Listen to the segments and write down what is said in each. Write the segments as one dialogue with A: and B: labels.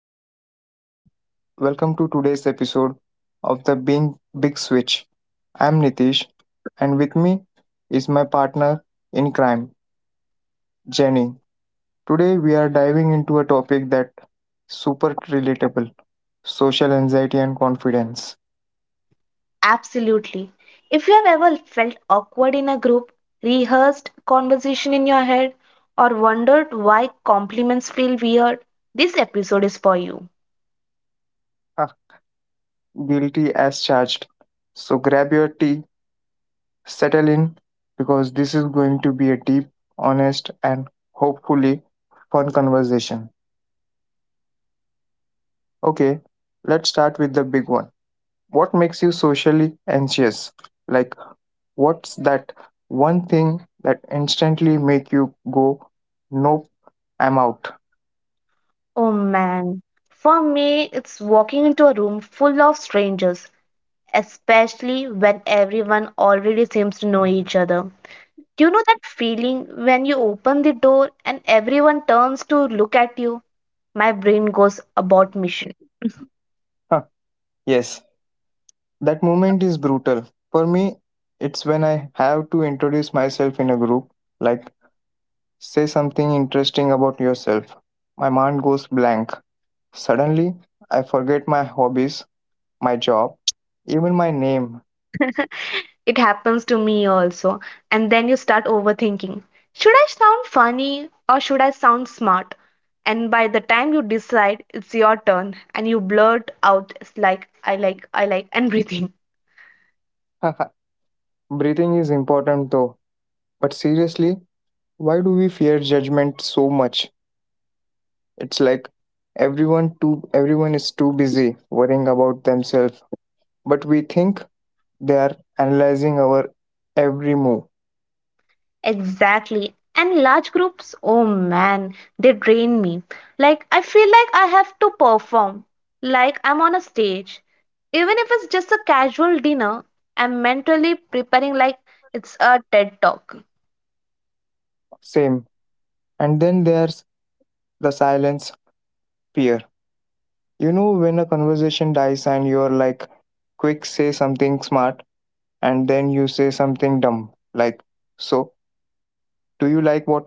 A: Hey everyone, welcome to today's episode of the Being Big Switch. I'm Nitish, and with me is my partner in crime, Jenny. Today we are diving into a topic that super relatable: social anxiety and confidence.
B: Absolutely. If you have ever felt awkward in a group, rehearsed conversation in your head, or wondered why compliments feel weird, this episode is for you.
A: Ah, Guilty as charged. So grab your tea, settle in, because this is going to be a deep, honest, and hopefully fun conversation. Okay, let's start with the big one, what makes you socially anxious, like what's that one thing that instantly make you go nope, I'm out.
B: Oh man, for me, it's walking into a room full of strangers, especially when everyone already seems to know each other. You know that feeling when you open the door and everyone turns to look at you? My brain goes about mission.
A: Huh, yes, that moment is brutal. For me, it's when I have to introduce myself in a group, like say something interesting about yourself. My mind goes blank. Suddenly I forget my hobbies, my job, even my name.
B: It happens to me also. And then you start overthinking. Should I sound funny or should I sound smart? And by the time you decide, it's your turn and you blurt out it's like I like and breathing.
A: Breathing is important though, but seriously, why do we fear judgment so much? It's like everyone is too busy worrying about themselves, but we think they are analyzing our every move.
B: Exactly. And large groups, oh man, they drain me. Like I feel like I have to perform like I'm on a stage. Even if it's just a casual dinner, I'm mentally preparing like it's a TED talk.
A: Same. And then there's the silence fear. You know when a conversation dies and you're like quick say something smart, and then you say something dumb like, so do you like water?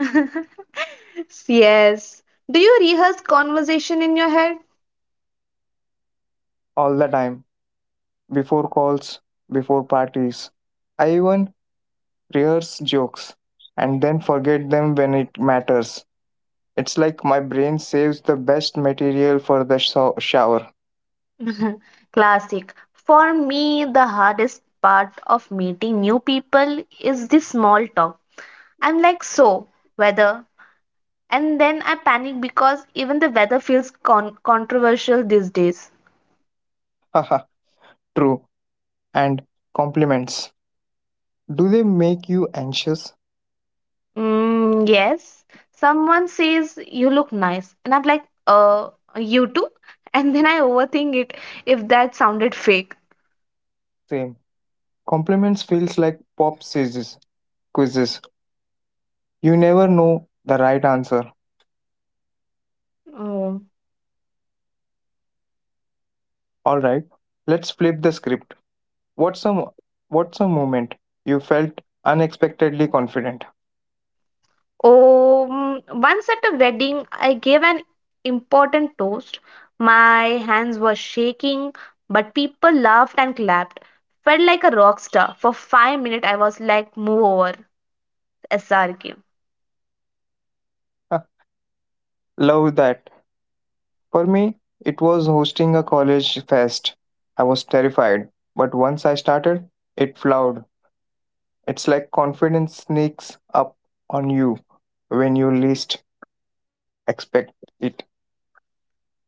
B: Yes. Do you rehearse conversation in your head?
A: All the time. Before calls, before parties, I even rehearse jokes, and then forget them when it matters. It's like my brain saves the best material for the shower.
B: Classic. For me, the hardest part of meeting new people is the small talk. I'm like, so, weather. And then I panic because even the weather feels controversial these days.
A: Haha, True. And compliments. Do they make you anxious?
B: Mm, yes. Someone says, you look nice. And I'm like, you too? And then I overthink it if that sounded fake.
A: Same. Compliments feels like pop quizzes. You never know the right answer.
B: Mm.
A: All right, let's flip the script. What's a mo- what's a moment you felt unexpectedly confident?
B: Once at a wedding, I gave an important toast. My hands were shaking, but people laughed and clapped. Felt like a rock star. For 5 minutes, I was like, move over, SRK.
A: Love that. For me, it was hosting a college fest. I was terrified, but once I started, it flowed. It's like confidence sneaks up on you when you least expect it.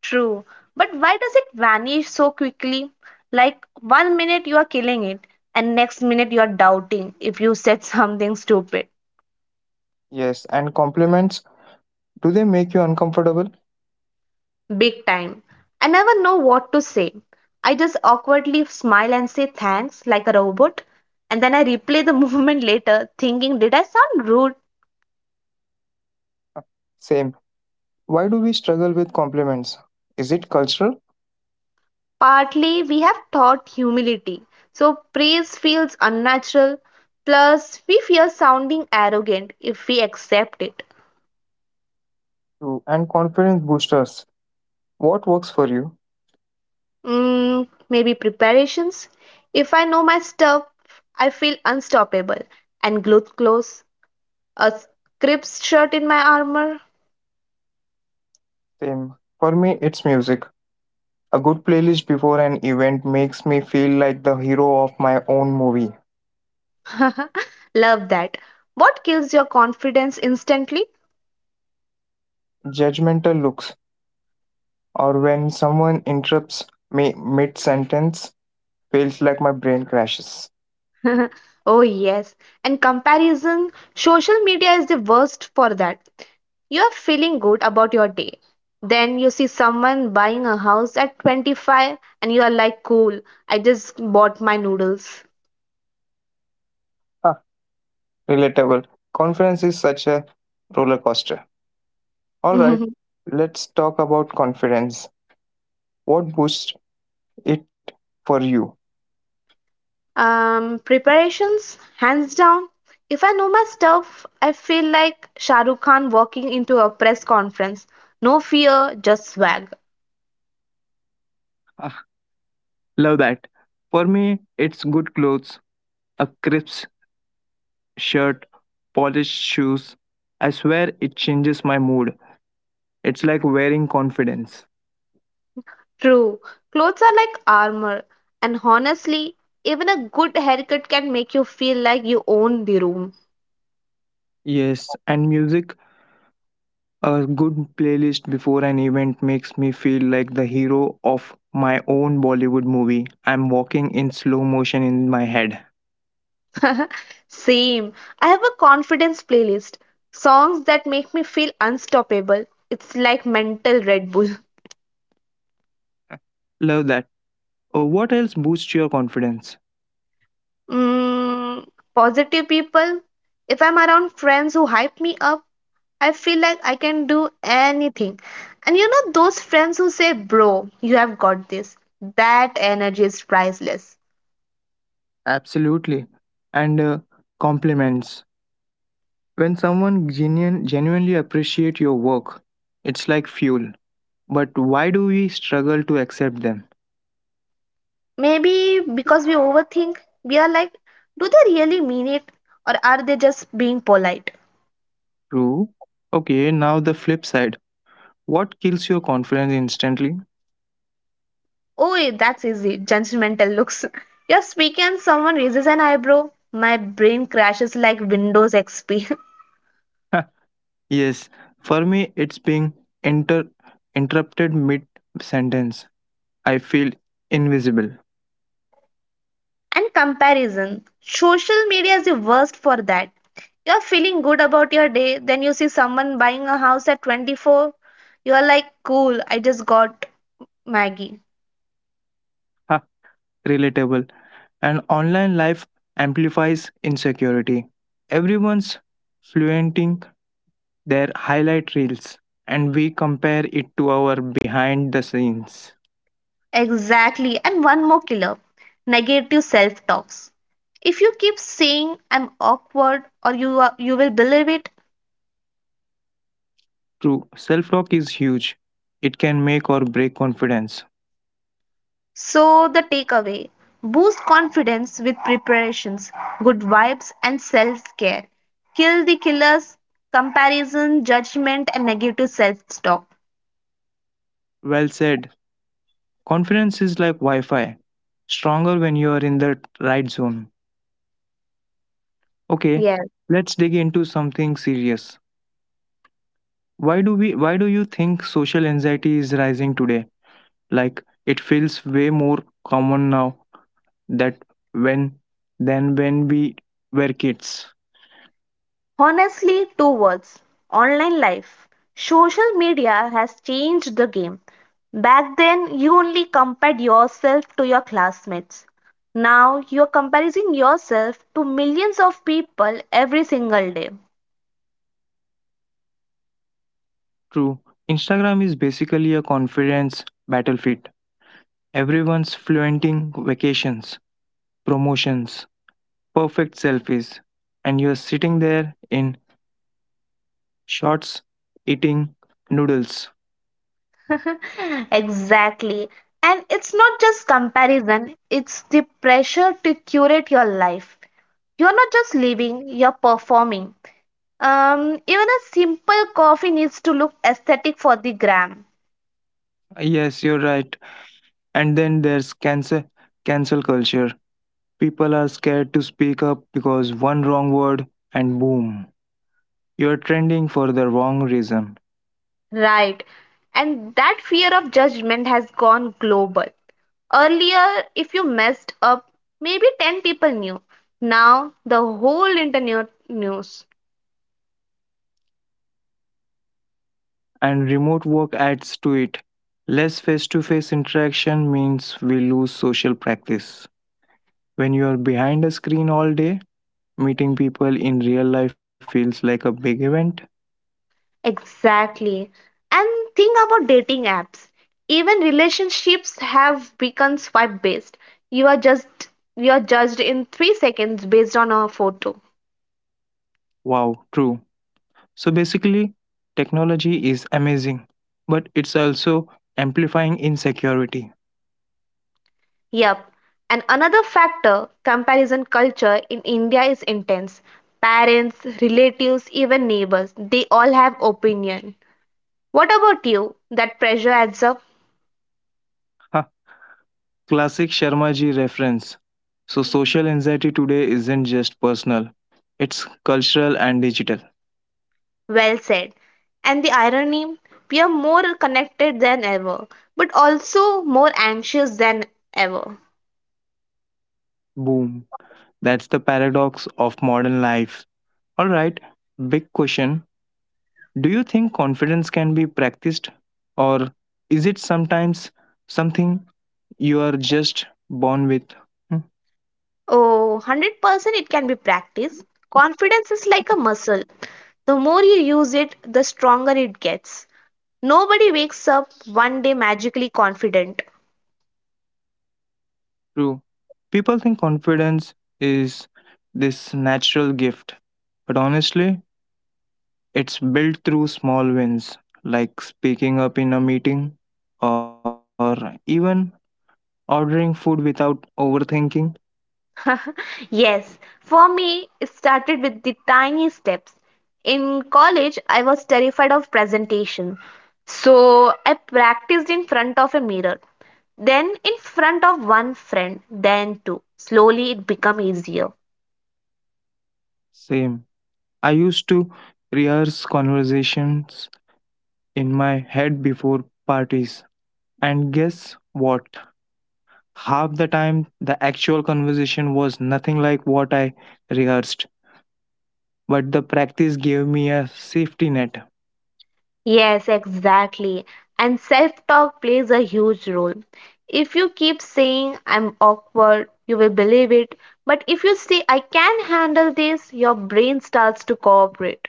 B: True. But why does it vanish so quickly? Like, one minute you are killing it, and next minute you are doubting if you said something stupid.
A: Yes, and compliments, do they make you uncomfortable?
B: Big time. I never know what to say. I just awkwardly smile and say thanks like a robot. And then I replay the movement later, thinking, did I sound rude?
A: Same. Why do we struggle with compliments? Is it cultural?
B: Partly, we have taught humility. So praise feels unnatural. Plus, we fear sounding arrogant if we accept it.
A: True. And confidence boosters. What works for you?
B: Maybe preparations. If I know my stuff, I feel unstoppable and glued close. A crisp shirt in my armor.
A: Same. For me, it's music. A good playlist before an event makes me feel like the hero of my own movie.
B: Love that. What kills your confidence instantly?
A: Judgmental looks, or when someone interrupts me mid sentence, feels like my brain crashes.
B: Oh, yes. And comparison, social media is the worst for that. You are feeling good about your day. Then you see someone buying a house at 25 and you are like, cool, I just bought my noodles.
A: Ah, Relatable. Confidence is such a roller coaster. All right, let's talk about confidence. What boosts it for you?
B: Preparations, hands down. If I know my stuff, I feel like Shahrukh Khan walking into a press conference. No fear, just swag.
A: Ah, Love that. For me, it's good clothes, a crisp shirt, polished shoes. I swear it changes my mood. It's like wearing confidence.
B: True, clothes are like armor, and honestly, even a good haircut can make you feel like you own the room.
A: Yes, and music. A good playlist before an event makes me feel like the hero of my own Bollywood movie. I'm walking in slow motion in my head.
B: Same. I have a confidence playlist. Songs that make me feel unstoppable. It's like mental Red Bull.
A: Love that. What else boosts your confidence?
B: Mm, positive people. If I'm around friends who hype me up, I feel like I can do anything. And you know, those friends who say, Bro, you have got this. That energy is priceless.
A: Absolutely. And compliments. When someone genuinely appreciate your work, it's like fuel. But why do we struggle to accept them?
B: Maybe because we overthink, we are like, do they really mean it or are they just being polite?
A: True. Okay, now the flip side. What kills your confidence instantly?
B: Oh, that's easy. Judgmental looks. You are speaking, and someone raises an eyebrow. My brain crashes like Windows XP.
A: Yes, for me, it's being inter- interrupted mid sentence. I feel invisible,
B: And comparison. Social media is the worst for that. You're feeling good about your day, then you see someone buying a house at 24. You're like, cool, I just got Maggie.
A: ha, relatable, and online life amplifies insecurity. Everyone's fluenting their highlight reels, and we compare it to our behind the scenes.
B: Exactly. And one more killer negative self talks. If you keep saying I'm awkward or you are, you will believe it.
A: True, self talk is huge, it can make or break confidence.
B: So the takeaway, boost confidence with preparations, good vibes and self-care. Kill the killers, comparison, judgment and negative self-talk.
A: Well said, confidence is like Wi Fi, stronger when you are in the right zone. Okay,
B: Yes.
A: let's dig into something serious. Why do you think social anxiety is rising today? Like it feels way more common now that when than when we were kids.
B: Honestly, two words, online life. Social media has changed the game. Back then, you only compared yourself to your classmates. Now, you're comparing yourself to millions of people every single day.
A: True. Instagram is basically a confidence battlefield. Everyone's flaunting vacations, promotions, perfect selfies, and you're sitting there in shorts eating noodles.
B: Exactly. And it's not just comparison, it's the pressure to curate your life. You're not just living, you're performing. Even a simple coffee needs to look aesthetic for the gram.
A: Yes, you're right. And then there's cancel culture. People are scared to speak up because one wrong word and boom, you're trending for the wrong reason.
B: Right. And that fear of judgment has gone global. Earlier, if you messed up, maybe 10 people knew. Now, the whole internet news.
A: And remote work adds to it. Less face-to-face interaction means we lose social practice. When you are behind a screen all day, meeting people in real life feels like a big event.
B: Exactly. And think about dating apps. Even relationships have become swipe based. You are just you are judged in 3 seconds based on a photo.
A: Wow, true. So basically, technology is amazing, but it's also amplifying insecurity.
B: Yep. And another factor, comparison culture in India is intense. Parents, relatives, even neighbors, they all have opinion. What about you? That pressure adds up?
A: Classic Sharmaji reference. So, social anxiety today isn't just personal, it's cultural and digital.
B: Well said. And the irony, we are more connected than ever, but also more anxious than ever.
A: Boom. That's the paradox of modern life. All right, big question. Do you think confidence can be practiced, or is it sometimes something you are just born with? Hmm,
B: Oh, 100% it can be practiced. Confidence is like a muscle. The more you use it, the stronger it gets. Nobody wakes up one day magically confident.
A: true. People think confidence is this natural gift, but honestly, it's built through small wins, like speaking up in a meeting or even ordering food without overthinking.
B: Yes, for me, it started with the tiny steps. In college, I was terrified of presentation. So I practiced in front of a mirror, then in front of one friend, then two. Slowly, it became easier.
A: Same. I used to rehearse conversations in my head before parties. And guess what? Half the time, the actual conversation was nothing like what I rehearsed, but the practice gave me a safety net.
B: Yes, exactly. And self talk plays a huge role. If you keep saying, I'm awkward, you will believe it. But if you say, I can handle this, your brain starts to cooperate.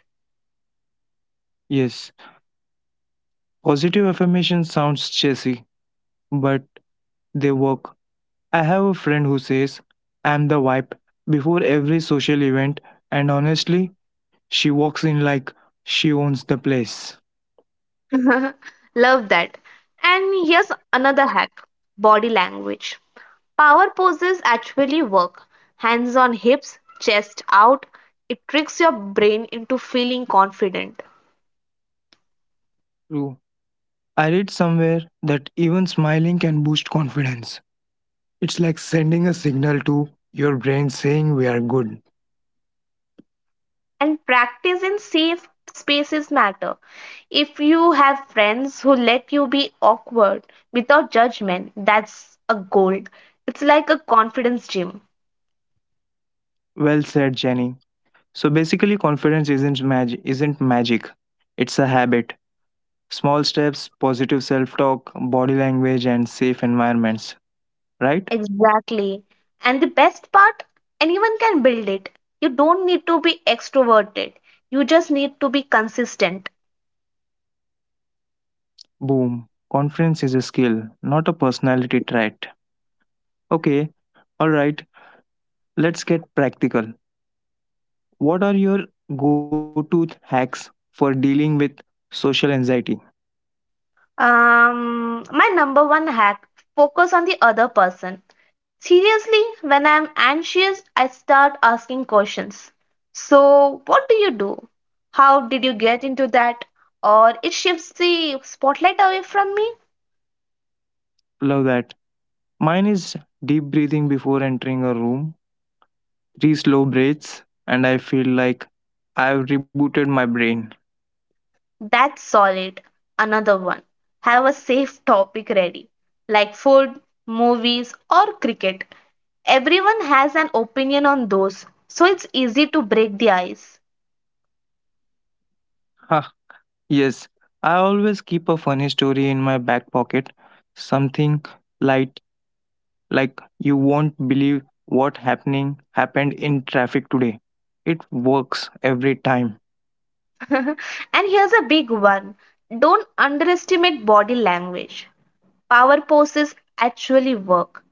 A: Yes, positive affirmation sounds cheesy, but they work. I have a friend who says, I'm the wipe before every social event, and honestly, she walks in like she owns the place.
B: Love that. And here's another hack, body language. Power poses actually work. Hands on hips, chest out. It tricks your brain into feeling confident.
A: True. I read somewhere that even smiling can boost confidence. It's like sending a signal to your brain saying we are good.
B: And practice in safe spaces matter. If you have friends who let you be awkward without judgment, that's a gold. It's like a confidence gym.
A: Well said, Jenny. So basically confidence isn't magic. It's a habit. Small steps, positive self-talk, body language and safe environments, right?
B: Exactly. And the best part, anyone can build it. You don't need to be extroverted. You just need to be consistent.
A: Boom. Confidence is a skill, not a personality trait. Okay, alright, let's get practical. What are your go to hacks for dealing with social anxiety?
B: My number one hack, focus on the other person. Seriously, when I'm anxious, I start asking questions. So, what do you do? How did you get into that? Or it shifts the spotlight away from me?
A: Love that. Mine is deep breathing before entering a room, three slow breaths, and I feel like I've rebooted my brain.
B: That's solid. Another one. Have a safe topic ready, like food, movies, or cricket. Everyone has an opinion on those, so it's easy to break the ice.
A: Ha, yes. I always keep a funny story in my back pocket, something light like you won't believe what happening happened in traffic today. It works every time.
B: And here's a big one, don't underestimate body language. Power poses actually work.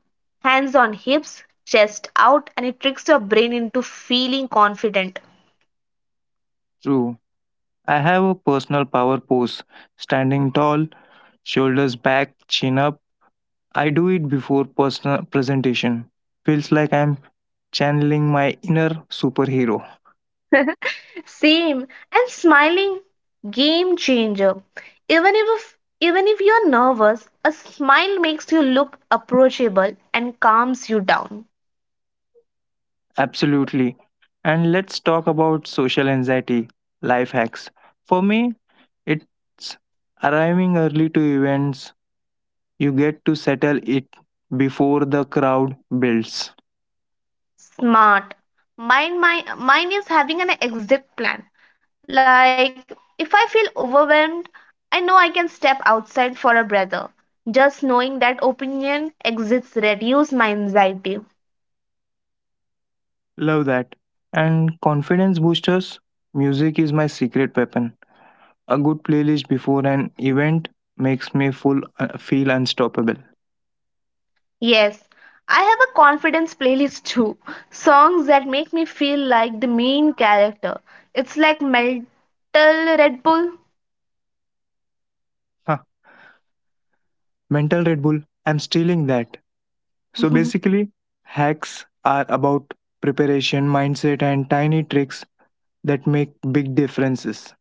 B: Hands on hips, chest out, and it tricks your brain into feeling confident.
A: True. I have a personal power pose, standing tall, shoulders back, chin up. I do it before personal presentation. Feels like I'm channeling my inner superhero.
B: Same. And smiling, game changer. Even if you're nervous, a smile makes you look approachable and calms you down.
A: Absolutely. And let's talk about social anxiety life hacks. For me, it's arriving early to events. You get to settle it before the crowd builds.
B: Smart. Mine is having an exit plan. Like, if I feel overwhelmed, I know I can step outside for a breather. Just knowing that opinion exists reduces my anxiety.
A: Love that. And confidence boosters, music is my secret weapon. A good playlist before an event makes me feel unstoppable.
B: Yes, I have a confidence playlist too. Songs that make me feel like the main character. It's like mental Red Bull.
A: Huh. Mental Red Bull, I'm stealing that. So basically, hacks are about preparation, mindset, and tiny tricks that make big differences.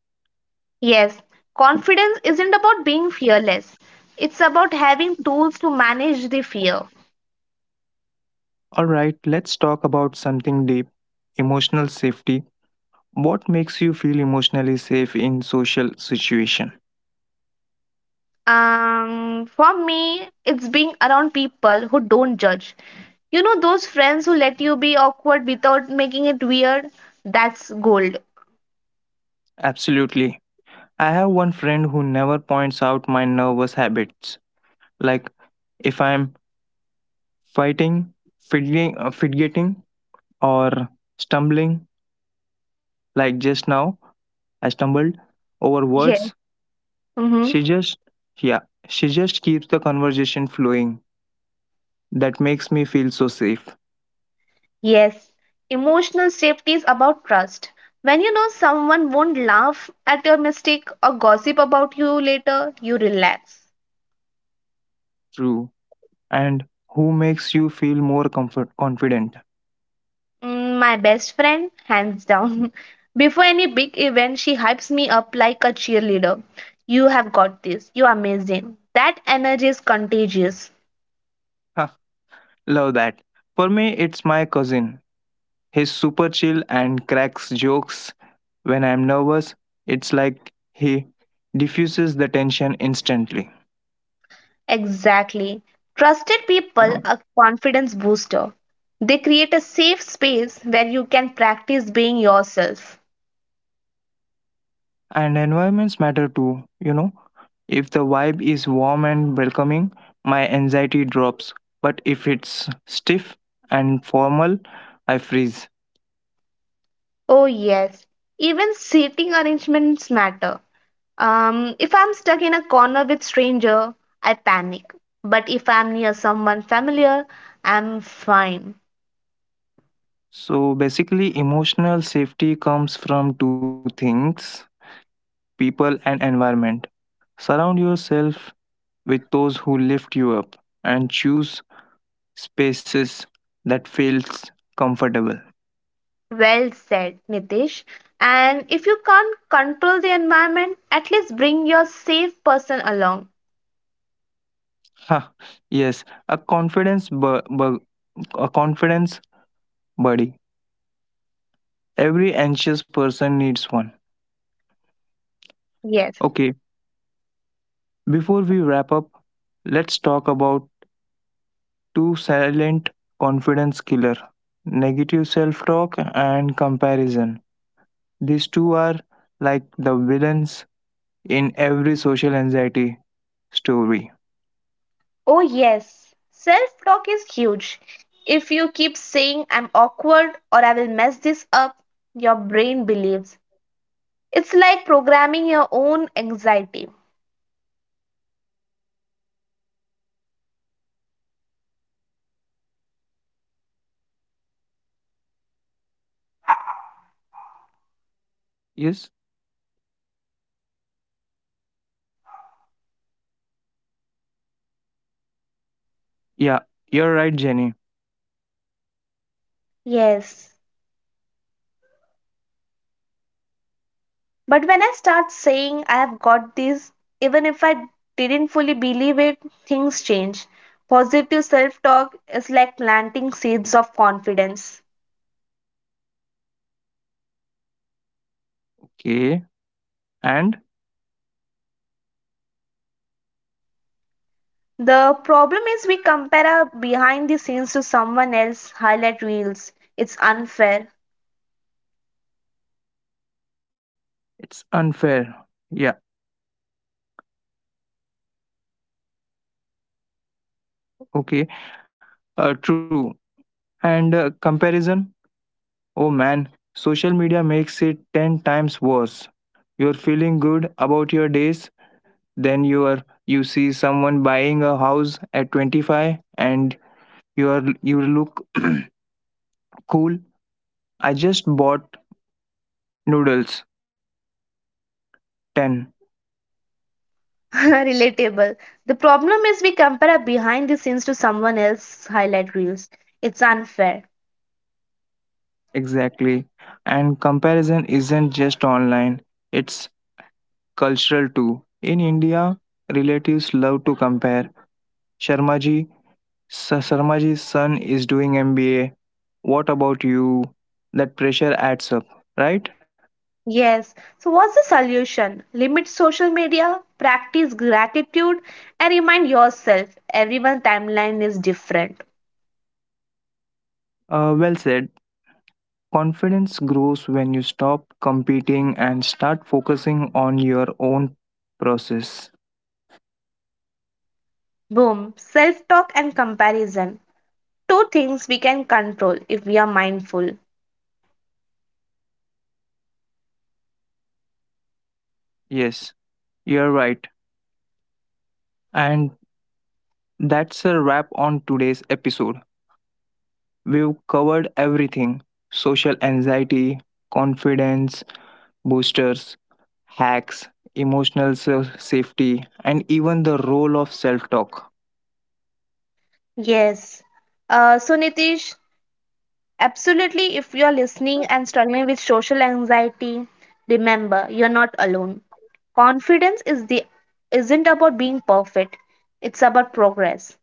B: Yes, confidence isn't about being fearless. It's about having tools to manage the fear.
A: All right, let's talk about something deep, emotional safety. What makes you feel emotionally safe in social situation?
B: For me, it's being around people who don't judge. You know, those friends who let you be awkward without making it weird? That's gold.
A: Absolutely. I have one friend who never points out my nervous habits, like if I'm fighting, fidgeting or stumbling, like just now I stumbled over
B: Yes.
A: words.
B: Mm-hmm.
A: She just Yeah, she just keeps the conversation flowing. That makes me feel so safe.
B: Yes. Emotional safety is about trust. When you know someone won't laugh at your mistake or gossip about you later, you relax.
A: True. And who makes you feel more comfort confident?
B: My best friend, hands down. Before any big event, she hypes me up like a cheerleader. You have got this. You are amazing. That energy is contagious.
A: Ha, Love that. For me, it's my cousin. He's super chill and cracks jokes when I'm nervous. It's like he diffuses the tension instantly.
B: Exactly. Trusted people are confidence booster. They create a safe space where you can practice being yourself.
A: And environments matter too, you know. If the vibe is warm and welcoming, my anxiety drops. But if it's stiff and formal, I freeze.
B: Oh yes, even seating arrangements matter. If I'm stuck in a corner with stranger, I panic. But if I'm near someone familiar, I'm fine.
A: So basically, emotional safety comes from two things, people and environment. Surround yourself with those who lift you up and choose spaces that feels comfortable.
B: Well said, Nitish. And if you can't control the environment, at least bring your safe person along.
A: Ha, yes, a a confidence buddy. Every anxious person needs one.
B: Yes.
A: Okay, before we wrap up, let's talk about two silent confidence killer, negative self-talk and comparison. These two are like the villains in every social anxiety story.
B: Oh, yes. Self talk is huge. If you keep saying, I'm awkward or I will mess this up, your brain believes. It's like programming your own anxiety.
A: Yes? Yeah, you're right, Jenny.
B: Yes. But when I start saying I have got this, even if I didn't fully believe it, things change. Positive self talk is like planting seeds of confidence.
A: Okay. And
B: The problem is we compare our behind the scenes to someone else's highlight reels. It's unfair.
A: it's unfair. Yeah, okay. True. And comparison? Oh man, social media makes it 10 times worse. You're feeling good about your days, then you see someone buying a house at 25 and you look cool. I just bought noodles 10
B: Relatable. The problem is we compare our behind the scenes to someone else's highlight reels. It's unfair.
A: exactly. And comparison isn't just online. It's cultural too. In India, relatives love to compare. Sharma ji Sarmaji's son is doing MBA. What about you? That pressure adds up, right?
B: Yes. So, what's the solution? Limit social media, practice gratitude, and remind yourself everyone's timeline is different.
A: Well said. Confidence grows when you stop competing and start focusing on your own process.
B: Boom. Self talk and comparison. Two things we can control if we are mindful.
A: Yes, you're right. And that's a wrap on today's episode. We've covered everything, social anxiety, confidence, boosters, hacks, emotional safety, and even the role of self talk.
B: Yes. So, Nitish, absolutely, if you're listening and struggling with social anxiety, remember you're not alone. Confidence is the isn't about being perfect, it's about progress.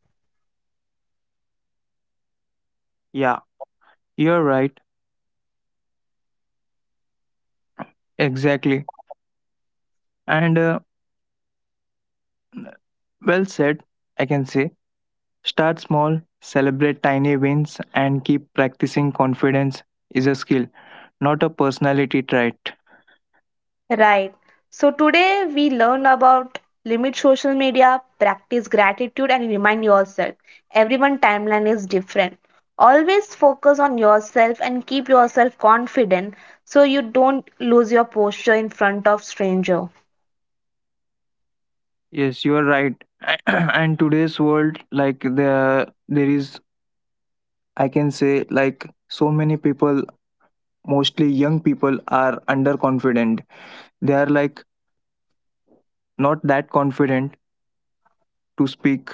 A: Yeah, you're right. Exactly. And well said, I can say. Start small, celebrate tiny wins, and keep practicing, confidence is a skill, not a personality trait.
B: Right. So today we learn about, limit social media, practice gratitude, and remind yourself. Everyone timeline is different. Always focus on yourself and keep yourself confident so you don't lose your posture in front of stranger.
A: Yes, you are right. And today's world, I can say, like so many people, mostly young people, are underconfident. They are like not that confident to speak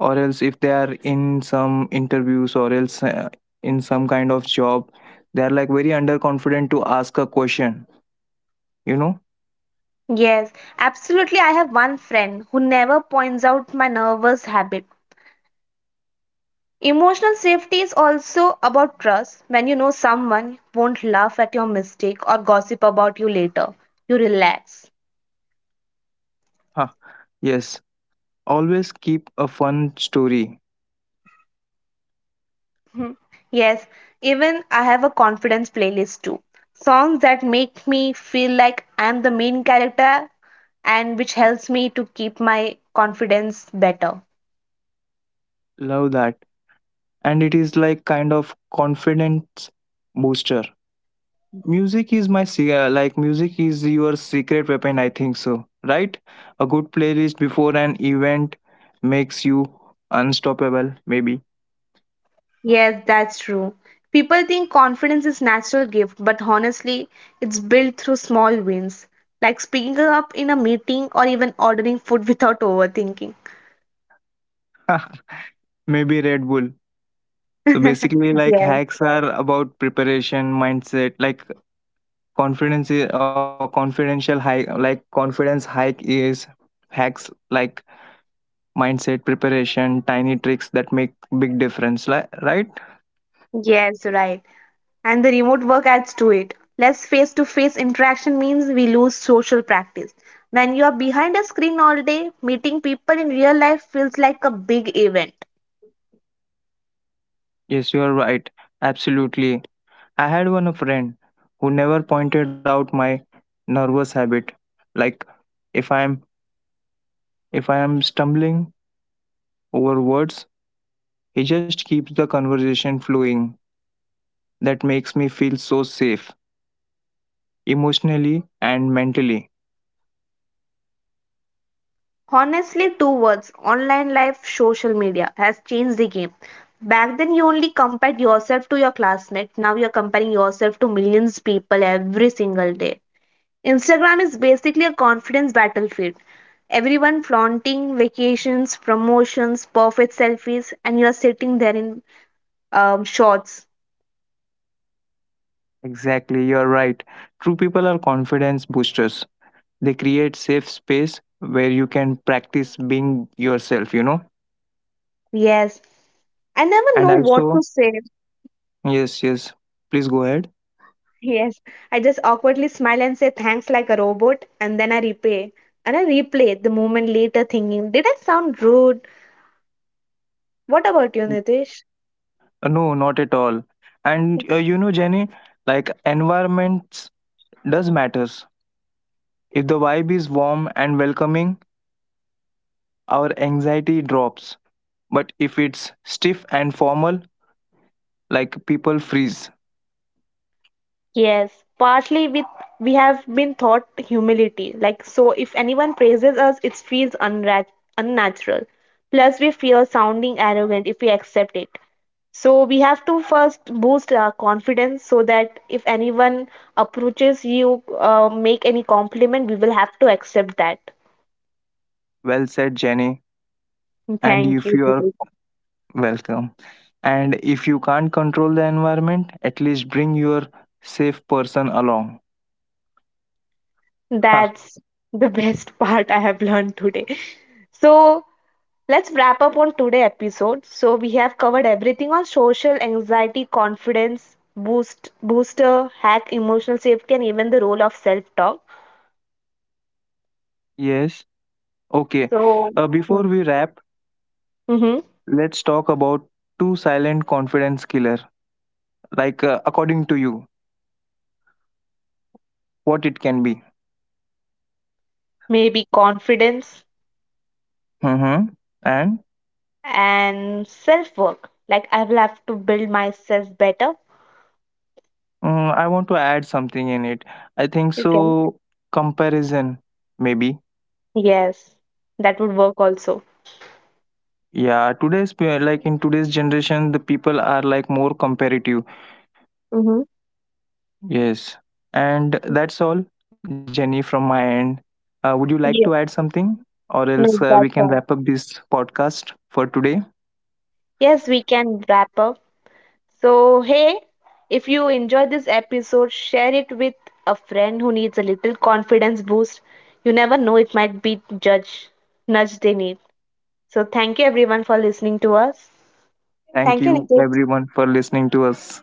A: or else if they are in some interviews or else in some kind of job, they are like very underconfident to ask a question, you know.
B: Yes, absolutely. I have one friend who never points out my nervous habit. Emotional safety is also about trust. When you know someone won't laugh at your mistake or gossip about you later, you relax.
A: huh yes, always keep a fun story.
B: Mhm. Yes, even I have a confidence playlist too. Songs that make me feel like I'm the main character and which helps me to keep my confidence better.
A: Love that. And it is like kind of confidence booster. Music is my like music is your secret weapon, I think so, right? A good playlist before an event makes you unstoppable maybe.
B: Yes, that's true. People think confidence is natural gift, but honestly, it's built through small wins, like speaking up in a meeting or even ordering food without overthinking.
A: Maybe Red Bull. So basically, like
B: Yes,
A: hacks are about preparation, mindset, like confidence is, or confidential hike, like confidence hike is hacks, like mindset, preparation, tiny tricks that make big difference. Like, right?
B: yes, right. And the remote work adds to it. Less face to face interaction means we lose social practice. When you are behind a screen all day, meeting people in real life feels like a big event.
A: Yes, you are right. Absolutely. I had one friend who never pointed out my nervous habit. Like if I'm if I am stumbling over words, he just keeps the conversation flowing. That makes me feel so safe emotionally and mentally.
B: Honestly, two words, online life, social media has changed the game. Back then, you only compared yourself to your classmates. Now, you're comparing yourself to millions of people every single day. Instagram is basically a confidence battlefield. Everyone flaunting vacations, promotions, perfect selfies, and you're sitting there in shorts.
A: Exactly, you're right. True people are confidence boosters. They create safe space where you can practice being yourself, you know.
B: Yes. I never
A: And
B: know what
A: also,
B: to say.
A: yes, yes. Please go ahead.
B: Yes. I just awkwardly smile and say thanks like a robot, and then I repay. And I replay the moment later thinking, did I sound rude? What about you, Nitish?
A: No, not at all. And you know, Jenny, like environments does matters. If the vibe is warm and welcoming, our anxiety drops. But if it's stiff and formal, like people freeze.
B: Yes, partly with we have been taught humility. Like so if anyone praises us, it feels unnatural. Plus we fear sounding arrogant if we accept it. So we have to first boost our confidence so that if anyone approaches you, make any compliment, we will have to accept that.
A: Well said, Jenny. And
B: Thank
A: if
B: you,
A: you are,
B: Deepika.
A: welcome. And if you can't control the environment, at least bring your safe person along. Ha,
B: That's the best part I have learned today. So let's wrap up on today's episode. So we have covered everything on social anxiety, confidence, booster, hack, emotional safety, and even the role of self-talk.
A: yes. Okay.
B: So
A: Before we wrap,
B: mhm,
A: let's talk about two silent confidence killer. Like, according to you, what it can be.
B: maybe confidence
A: Mm-hmm. And
B: and self-work. Like I will have to build myself better.
A: I want to add something in it. I think
B: You can.
A: so. Comparison, maybe.
B: Yes, that would work also.
A: Yeah, like in today's generation, the people are like more comparative.
B: Mm-hmm.
A: Yes. And that's all, Jenny, from my end. Would you like to add
B: Yeah,
A: something? Or else
B: no,
A: we
B: that's
A: can wrap
B: right.
A: up this podcast for today.
B: Yes, we can wrap up. So, hey, if you enjoyed this episode, share it with a friend who needs a little confidence boost. You never know, it might be judge nudge they need. So, thank you everyone for listening to us.
A: Thank
B: Thank you,
A: you,
B: Nitish.
A: everyone, for listening to us.